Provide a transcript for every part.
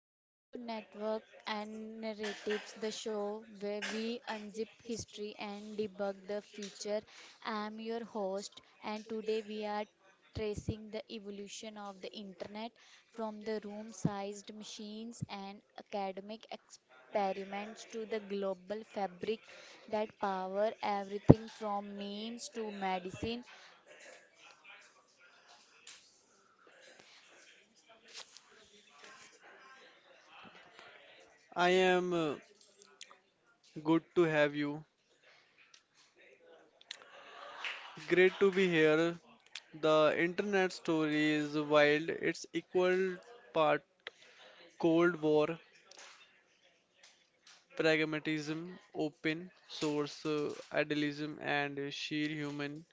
Welcome to Network and Narratives, the show where we unzip history and debug the future. I am your host, and today we are tracing the evolution of the internet from the room sized machines and academic experiments to the global fabric that power everything from memes to medicine. I am good to have you. Great to be here. The internet story is wild. It's equal part Cold War, pragmatism, open source idealism, and sheer human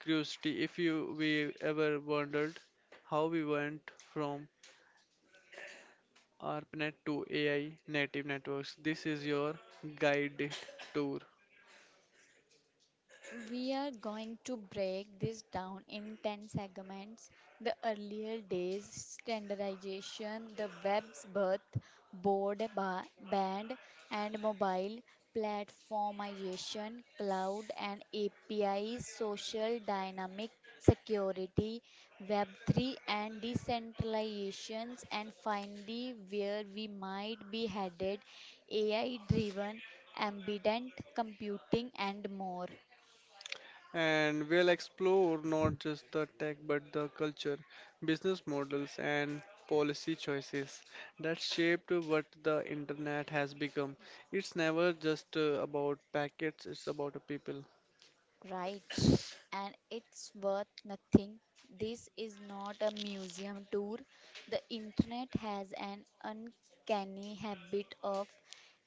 curiosity. If you we ever wondered how we went from ARPANET to AI native networks, this is your guided tour. We are going to break this down in 10 segments: the earlier days, standardization, the web's birth, band, and mobile platformization, cloud and APIs, social dynamic security, Web3 and decentralizations, and finally, where we might be headed: AI driven, ambient computing, and more. And we'll explore not just the tech but the culture, business models, and policy choices that shaped what the internet has become. It's never just about packets, it's about a people. Right, and it's worth nothing. This is not a museum tour. The internet has an uncanny habit of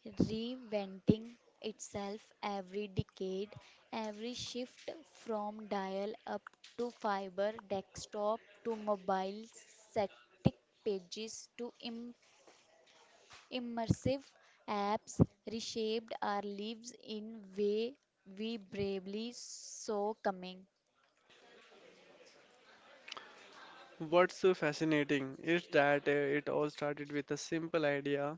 reinventing itself every decade, every shift from dial up to fiber, desktop to mobile, static pages to immersive apps reshaped our lives in way we bravely saw coming. What's fascinating is that it all started with a simple idea.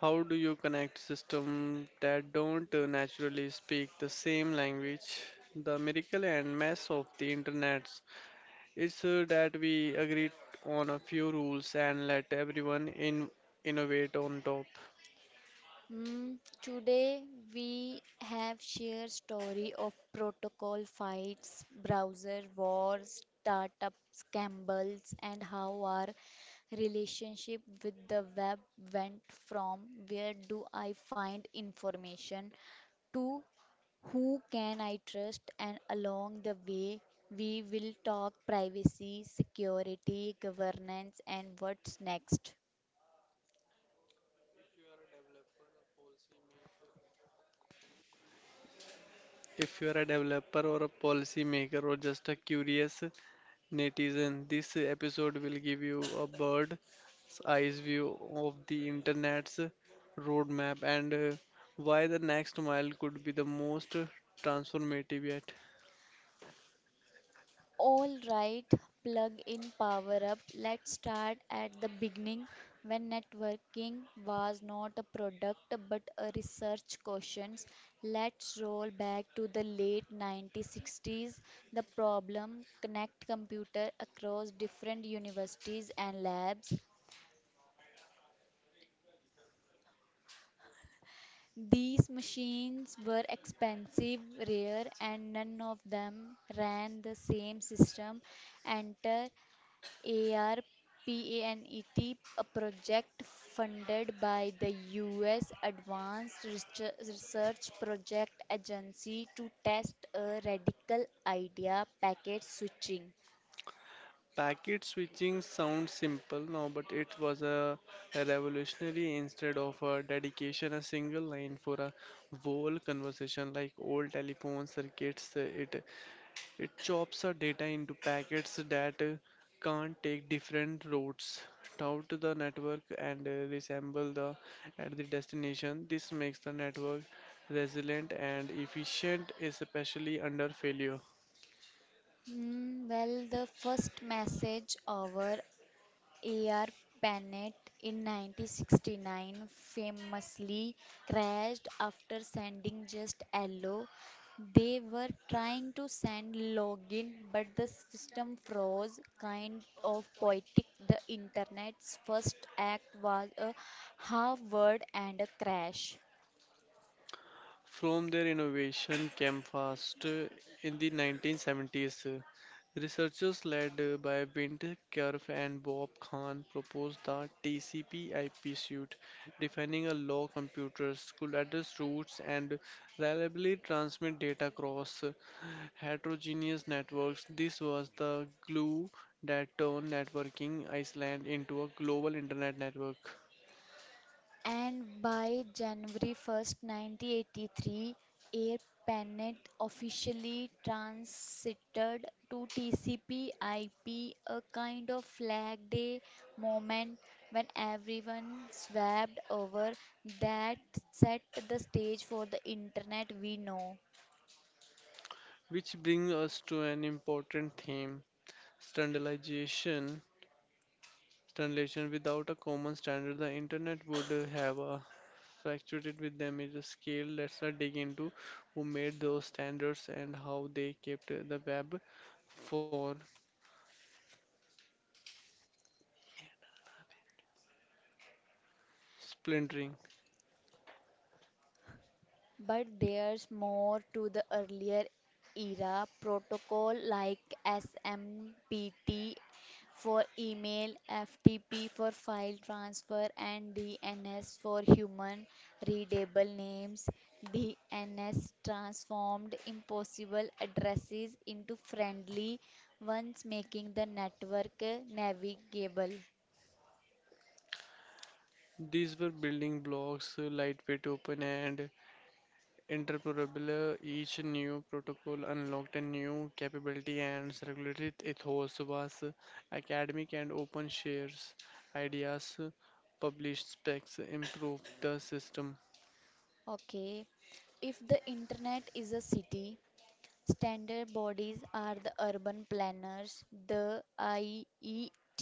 How do you connect systems that don't naturally speak the same language? The miracle and mess of the internet, it's that we agreed on a few rules and let everyone in innovate on top. Mm, today we have shared story of protocol fights, browser wars, startup scandals, and how our relationship with the web went from where do I find information to who can I trust, and along the way we will talk privacy, security, governance and what's next. If you are a developer or a policy maker or just a curious netizen, this episode will give you a bird's eye view of the internet's roadmap and why the next mile could be the most transformative yet. All right, plug in, power up. Let's start at the beginning when networking was not a product but a research question. Let's roll back to the late 1960s. The problem: connect computer across different universities and labs. These machines were expensive, rare, and none of them ran the same system. Enter ARPANET, a project funded by the U.S. Advanced Research Research Project Agency to test a radical idea: packet switching. Packet switching sounds simple now, but it was a revolutionary instead of a dedication, a single line for a whole conversation like old telephone circuits. It chops our data into packets that can't take different routes out to the network and resemble the at the destination. This makes the network resilient and efficient, especially under failure. Hmm, well, the first message over A.R. Panet in 1969 famously crashed after sending just hello. They were trying to send login, but the system froze. Kind of poetic, the internet's first act was a half word and a crash. From their innovation came fast in the 1970s. Researchers led by Winter Cerf and Bob Kahn proposed the TCP/IP suite, defining a law computers could address routes and reliably transmit data across heterogeneous networks. This was the glue that turned networking Iceland into a global internet network. And by January 1st, 1983, AirPanet officially transited to TCP/IP, a kind of flag day moment when everyone swapped over that set the stage for the internet we know. Which brings us to an important theme, standardization. Translation without a common standard, the internet would have fluctuated with them is a scale. Let's not dig into who made those standards and how they kept the web for splintering. But there's more to the earlier era: protocol like SMTP for email, FTP for file transfer, and DNS for human readable names. DNS transformed impossible addresses into friendly ones, making the network navigable. These were building blocks, lightweight, open and interoperable. Each new protocol unlocked a new capability and circulated ethos was academic and open shares ideas, published specs improved the system. Okay, if the internet is a city, standard bodies are the urban planners. The IETF,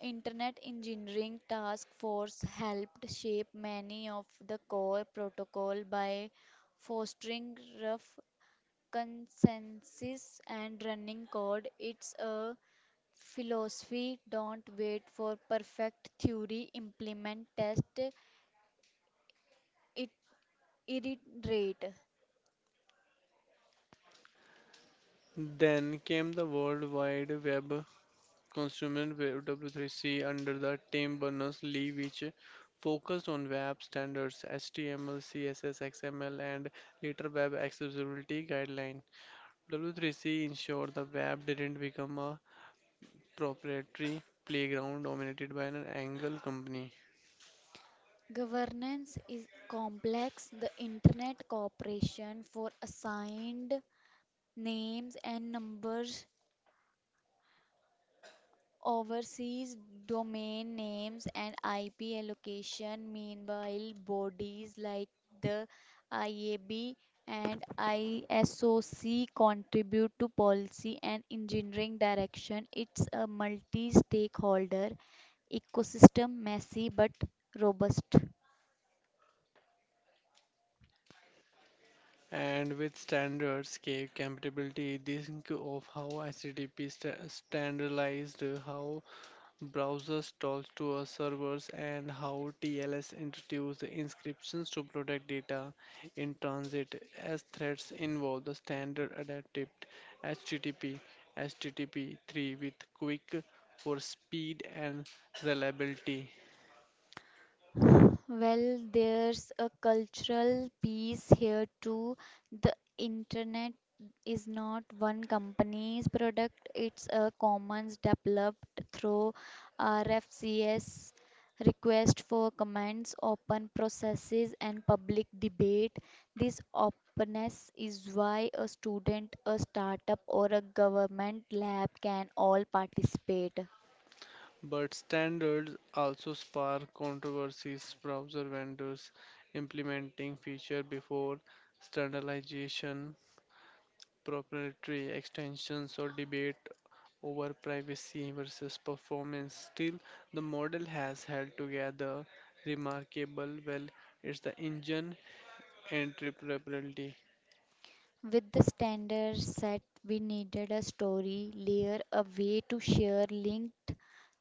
Internet Engineering Task Force, helped shape many of the core protocol by fostering rough consensus and running code. It's a philosophy: don't wait for perfect theory, implement, test, it, iterate. Then came the World Wide Web, consumer web W3C under the Tim Berners-Lee, which focused on web standards, HTML, CSS, XML, and later web accessibility guideline. W3C ensured the web didn't become a proprietary playground dominated by an angle company. Governance is complex. The Internet Corporation for Assigned Names and Numbers oversees domain names and IP allocation. Meanwhile, bodies like the IAB and ISOC contribute to policy and engineering direction. It's a multi stakeholder ecosystem, messy but robust. And with standard scale compatibility, think of how standardized how browsers talk to our servers and how TLS introduced inscriptions to protect data in transit. As threats involve the standard adaptive HTTP, HTTP 3 with quick for speed and reliability. Well, there's a cultural piece here too. The internet is not one company's product, it's a commons developed through RFCS, request for comments, open processes, and public debate. This openness is why a student, a startup, or a government lab can all participate. But standards also spark controversies. Browser vendors implementing feature before standardization, proprietary extensions, or debate over privacy versus performance. Still, the model has held together remarkable well. It's the engine and interoperability. With the standards set, we needed a story layer, a way to share linked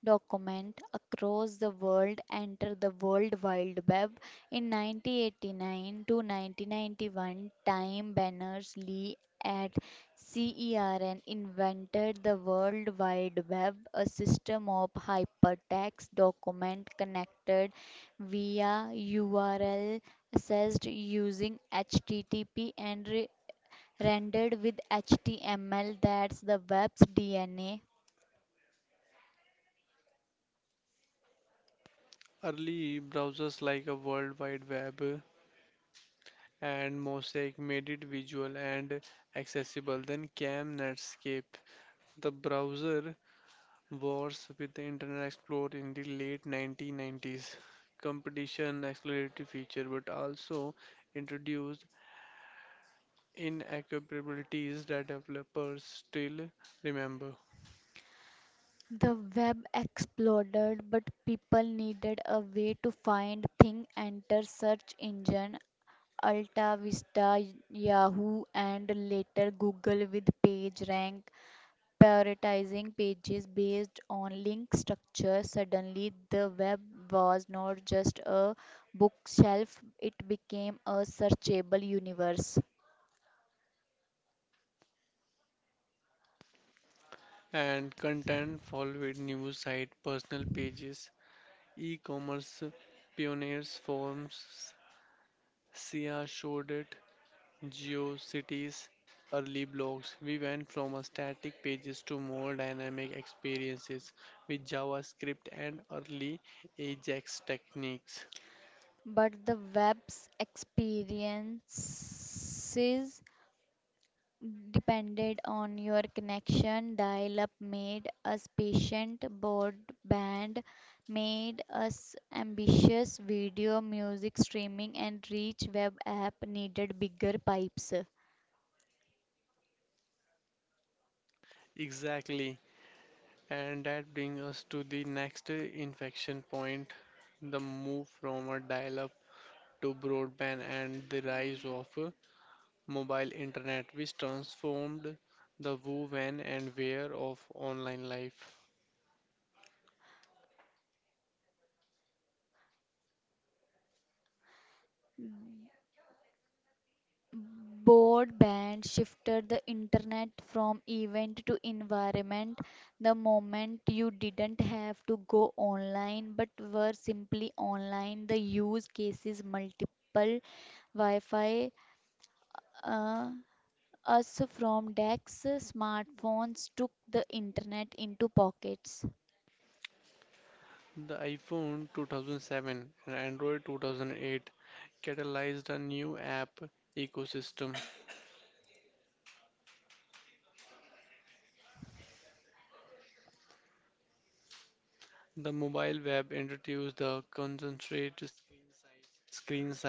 document across the world. Enter the World Wide Web. In 1989 to 1991, Time Berners-Lee at CERN invented the World Wide Web, a system of hypertext document connected via URL, accessed using HTTP and rendered with HTML. That's the web's DNA. Early browsers like a World Wide Web and Mosaic made it visual and accessible. Then came Netscape, the browser wars with the Internet Explorer in the late 1990s. Competition accelerated feature, but also introduced inaccessibilities that developers still remember. The web exploded, but people needed a way to find things. Enter search engine: Alta Vista, Yahoo, and later Google with PageRank, prioritizing pages based on link structure. Suddenly, the web was not just a bookshelf, it became a searchable universe. And content followed news site, personal pages, e-commerce pioneers forums. SIA showed it, GeoCities, early blogs. We went from a static pages to more dynamic experiences with JavaScript and early Ajax techniques. But the web's experiences depended on your connection. Dial up made us patient, broadband made us ambitious. Video, music streaming, and rich web app needed bigger pipes. Exactly. And that brings us to the next infection point, the move from a dial-up to broadband and the rise of mobile internet, which transformed the who, when, and where of online life. Broadband shifted the internet from event to environment. The moment you didn't have to go online but were simply online, the use cases multiple. Wi-Fi. Uh, Us from decks, smartphones took the internet into pockets. The iPhone 2007 and Android 2008 catalyzed a new app ecosystem. The mobile web introduced the concentrated screen size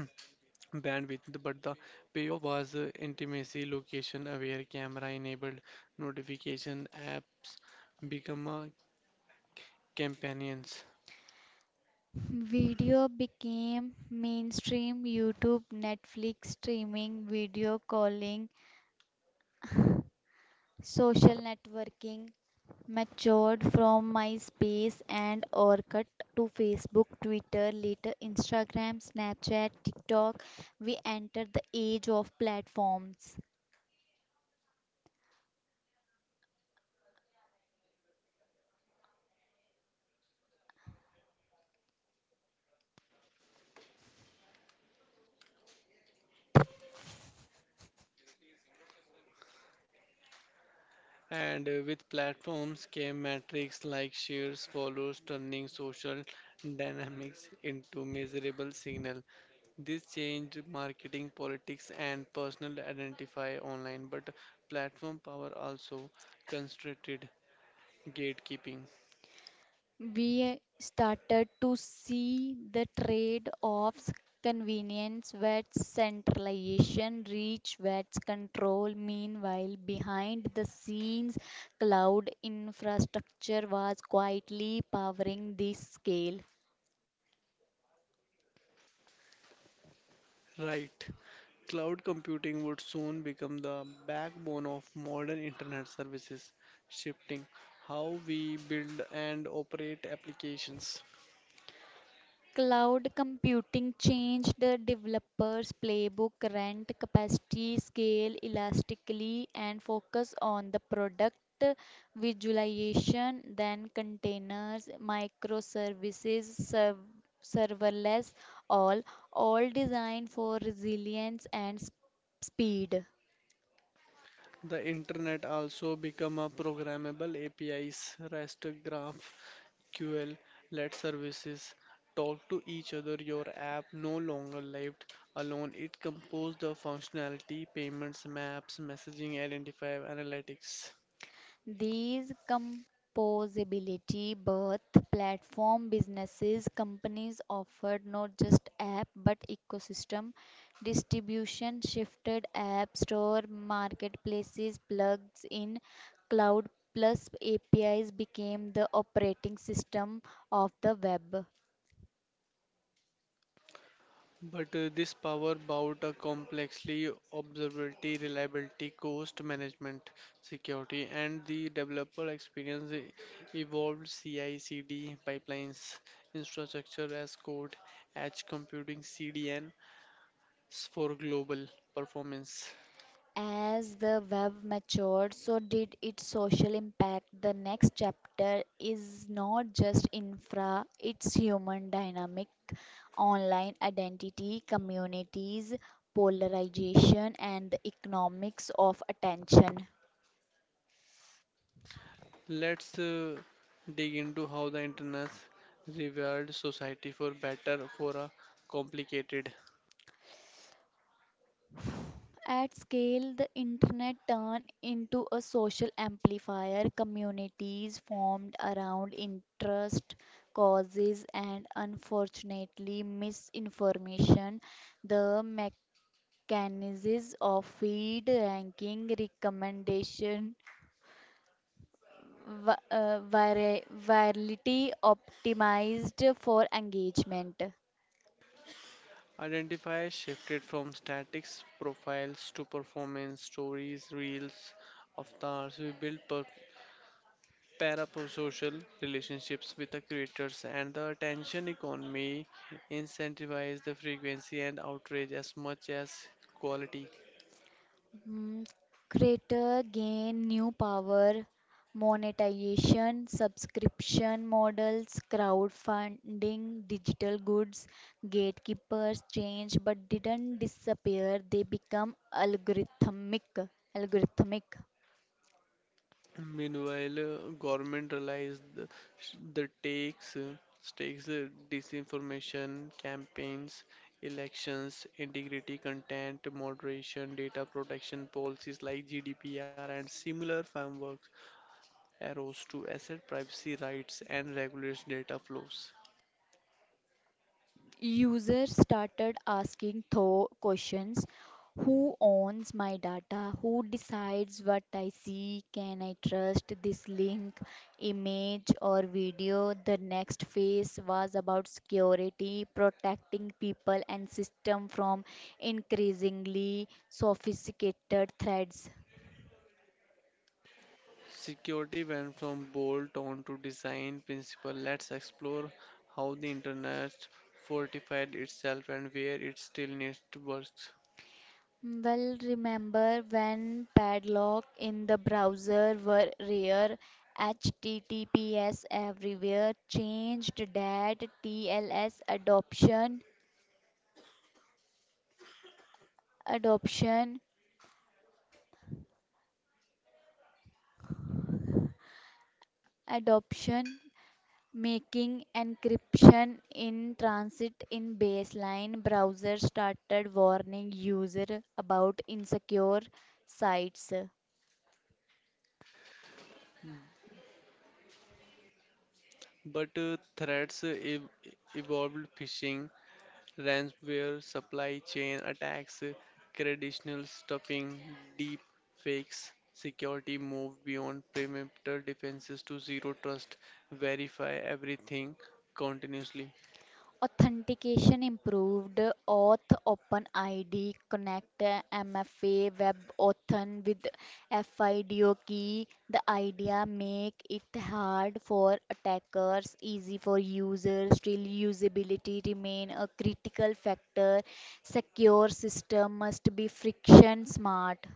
bandwidth, but the payoff was intimacy, location aware, camera enabled notification apps become companions. Video became mainstream. YouTube, Netflix streaming, video calling, social networking matured from MySpace and Orkut to Facebook, Twitter, later Instagram, Snapchat, TikTok. We entered the age of platforms. And with platforms came metrics like shares, follows, turning social dynamics into measurable signal. This changed marketing, politics, and personal identify online, but platform power also concentrated gatekeeping. We started to see the trade offs: convenience versus centralization, reach versus control. Meanwhile, behind the scenes, cloud infrastructure was quietly powering this scale. Right. Cloud computing would soon become the backbone of modern internet services, shifting how we build and operate applications. Cloud computing changed the developer's playbook: rent capacity, scale elastically, and focus on the product. Visualization, then containers, microservices, serverless, all, all designed for resilience and speed. The internet also become a programmable APIs, REST, GraphQL, let services talk to each other. Your app no longer lived alone. It composed the functionality, payments, maps, messaging, identifier, analytics. These composability birth platform businesses. Companies offered not just app but ecosystem. Distribution shifted: app store, marketplaces, plugs in. Cloud plus APIs became the operating system of the web. But this power bout a complexly observability, reliability, cost management, security, and the developer experience evolved CI/CD pipelines, infrastructure as code, edge computing CDN for global performance. As the web matured, so did its social impact. The next chapter is not just infra, it's human dynamic, online identity, communities, polarization, and the economics of attention. Let's dig into how the internet rewired society for better for a complicated. At scale, the internet turned into a social amplifier. Communities formed around interest, causes, and unfortunately, misinformation. The mechanisms of feed, ranking, recommendation, virality optimized for engagement. Identify shifted from statics profiles to performance stories, reels, avatars. We build parasocial relationships with the creators, and the attention economy incentivizes the frequency and outrage as much as quality. Mhm. Creator gain new power: monetization, subscription models, crowdfunding, digital goods. Gatekeepers change but didn't disappear, they become algorithmic. Algorithmic. Meanwhile, government realized the takes stakes disinformation campaigns, elections, integrity content, moderation, data protection policies like GDPR and similar frameworks arose to asset privacy rights and regulates data flows. Users started asking tho questions: who owns my data, who decides what I see, can I trust this link, image or video? The next phase was about security, protecting people and system from increasingly sophisticated threats. Security went from bolt on to design principle. Let's explore how the internet fortified itself and where it still needs to work. Well, remember when padlock in the browser were rare? HTTPS everywhere changed that. TLS adoption, adoption, adoption, making encryption in transit in baseline. Browser started warning user about insecure sites. But threats evolved phishing, ransomware, supply chain attacks, credential stuffing, deep fakes. Security moved beyond perimeter defenses to zero trust, verify everything continuously. Authentication improved: auth, openid connect, mfa, web authn with fido key. The idea: make it hard for attackers, easy for users. Still, usability remain a critical factor. Secure system must be friction smart.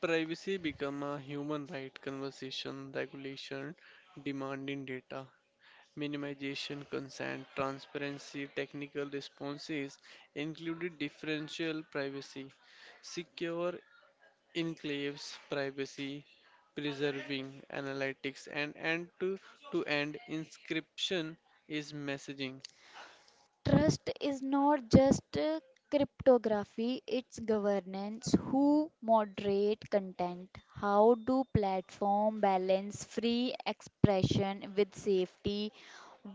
Privacy become a human right conversation regulation demanding data minimization, consent, transparency, technical responses, included differential privacy, secure enclaves privacy, preserving analytics, and end to end encryption is messaging. Trust is not just cryptography, it's governance. Who moderate content? How do platform balance free expression with safety?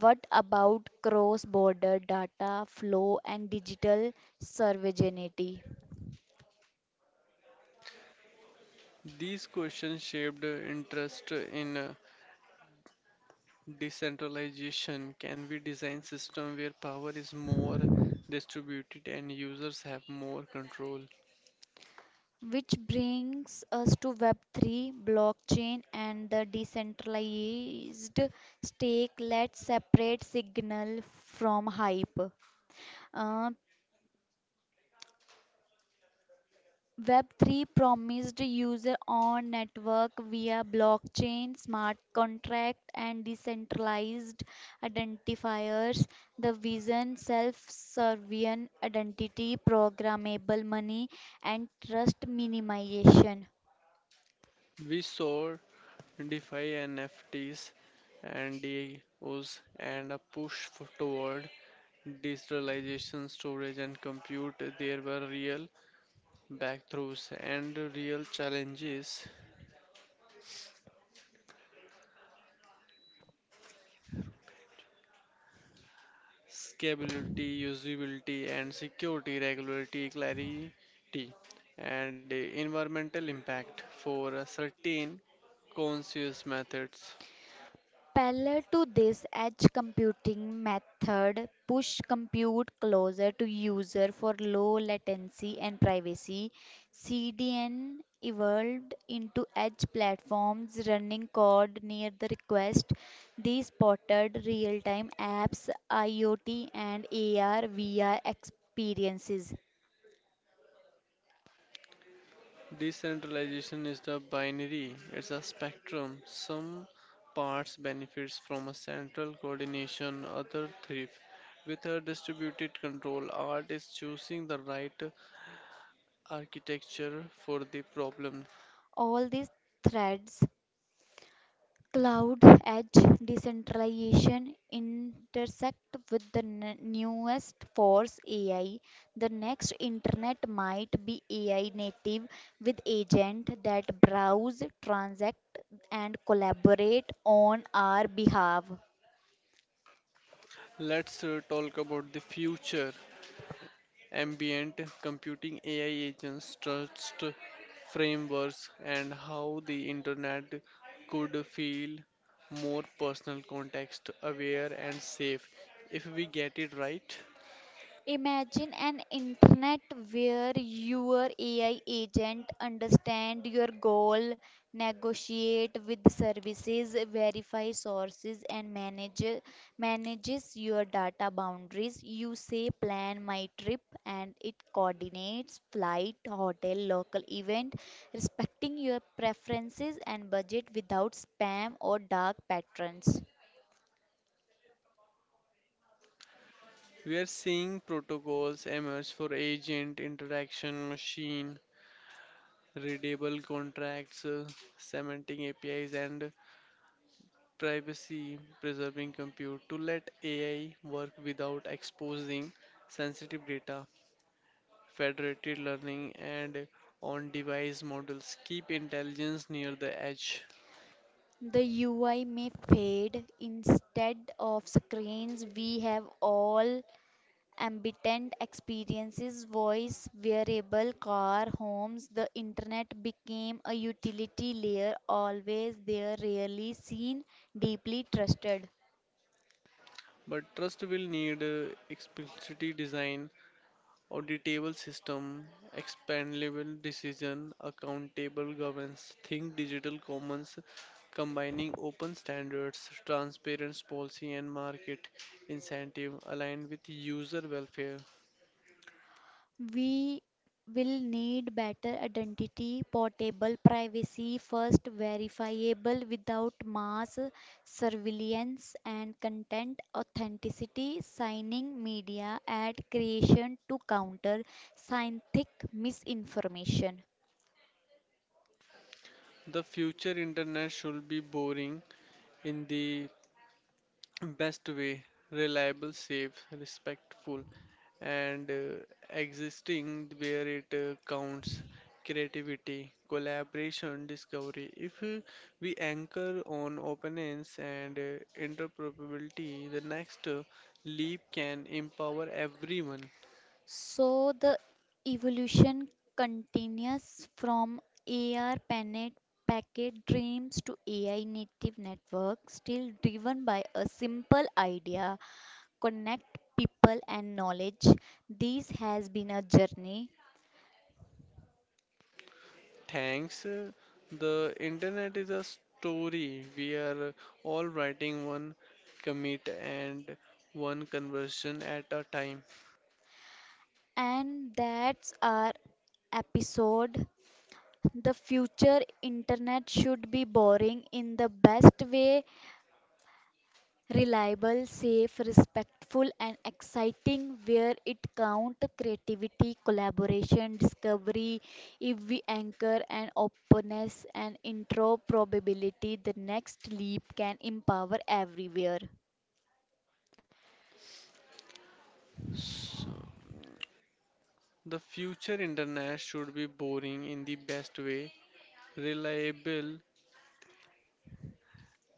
What about cross-border data flow and digital sovereignty? These questions shaped interest in decentralization. Can we design system where power is more distributed and users have more control? Which brings us to Web3, blockchain, and the decentralized stake. Let's separate signal from hype. Uh, Web3 promised user on network via blockchain, smart contract, and decentralized identifiers. The vision: self-sovereign identity, programmable money, and trust minimization. We saw DeFi NFTs and DAOs and a push for toward digitalization, storage and compute, there were real breakthroughs and real challenges. Scalability, usability and security, regularity, clarity and environmental impact for certain conscious methods. Parallel to this, edge computing method push compute closer to user for low latency and privacy. CDN evolved into edge platforms running code near the request. These supported real-time apps, IoT and AR VR experiences. Decentralization is the binary, it's a spectrum. Some parts benefits from a central coordination, other thrive. With a distributed control, art is choosing the right architecture for the problem. All these threads, cloud edge decentralization, intersect with the newest force: AI. The next internet might be AI native, with agents that browse, transact and collaborate on our behalf. Let's talk about the future. Ambient computing, AI agents, trust frameworks, and how the internet could feel more personal, context aware, and safe if we get it right. Imagine an internet where your AI agent understand your goal, negotiate with services, verify sources and manages your data boundaries. You say plan my trip and it coordinates flight, hotel, local event, respecting your preferences and budget without spam or dark patterns. We are seeing protocols emerge for agent interaction, machine readable contracts, semantic APIs, and privacy preserving compute to let AI work without exposing sensitive data. Federated learning and on device models keep intelligence near the edge. The UI may fade. Instead of screens, we have all ambient experiences: voice, wearable, car, homes. The internet became a utility layer, always there, rarely seen, deeply trusted. But trust will need explicitly design, auditable system, expandable decision, accountable governance. Think digital commons combining open standards, transparent policy, and market incentive aligned with user welfare. We will need better identity, portable privacy first, verifiable without mass surveillance, and content authenticity, signing media ad creation to counter scientific misinformation. The future internet should be boring in the best way, reliable, safe, respectful, and existing where it counts. Creativity, collaboration, discovery. If we anchor on openness and interoperability, the next leap can empower everyone. So the evolution continues, from AR panet packet dreams to AI native networks, still driven by a simple idea: connect people and knowledge. This has been a journey, Thanks. The internet is a story. We are all writing one commit and one conversion at a time. and that's our episode. The future internet should be boring in the best way: reliable, safe, respectful, and exciting where it count: creativity, collaboration, discovery. If we anchor an openness and intro probability, the next leap can empower everywhere. So the future internet should be boring in the best way, reliable,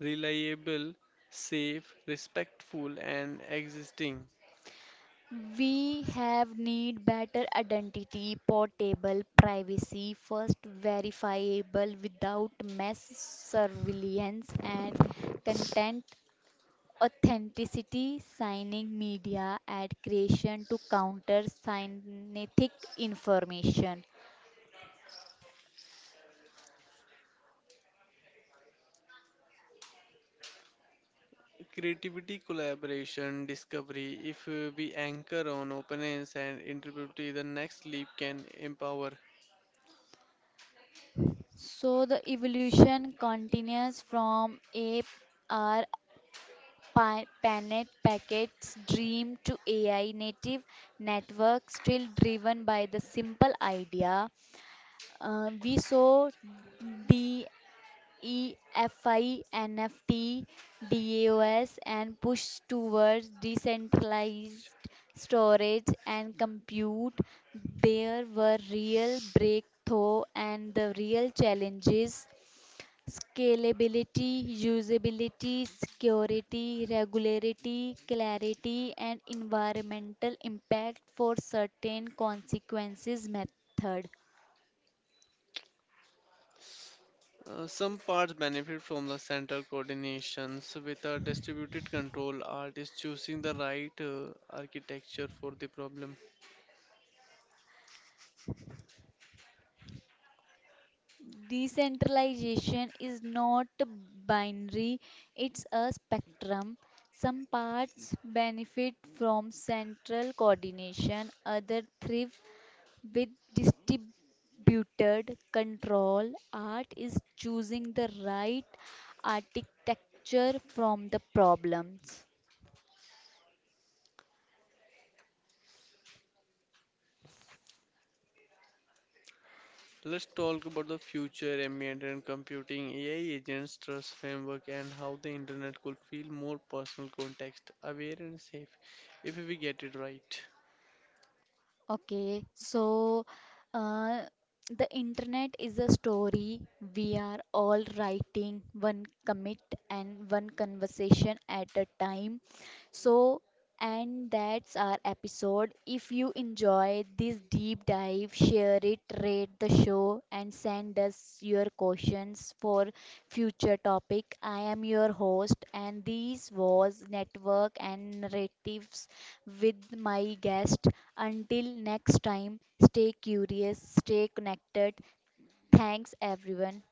reliable, safe, respectful and existing. We have need better identity, portable privacy, first verifiable without mass surveillance, and content authenticity, signing media ad creation to counter synthetic information. Creativity, collaboration, discovery. If we anchor on openness and integrity, the next leap can empower. So the evolution continues from a r panet packets dream to AI native network, still driven by the simple idea. Uh, we saw EFI, NFT, DAOs, and push towards decentralized storage and compute. There were real breakthrough and the real challenges: scalability, usability, security, regularity, clarity, and environmental impact for certain consequences method. Some parts benefit from the central coordinations with a distributed control. Art is choosing the right architecture for the problem. Decentralization is not binary, it's a spectrum. Some parts benefit from central coordination, others thrive with distributed control. Art is choosing the right architecture from the problems. So let's talk about the future, ambient and computing, AI agents, trust framework, and how the internet could feel more personal, context aware, and safe if we get it right. Okay, so uh, the internet is a story we are all writing, one commit and one conversation at a time. So, and that's our episode. If you enjoy this deep dive, share it, rate the show, and send us your questions for future topic. I am your host, and this was Network and Narratives with my guest. Until next time, stay curious, stay connected. Thanks, everyone.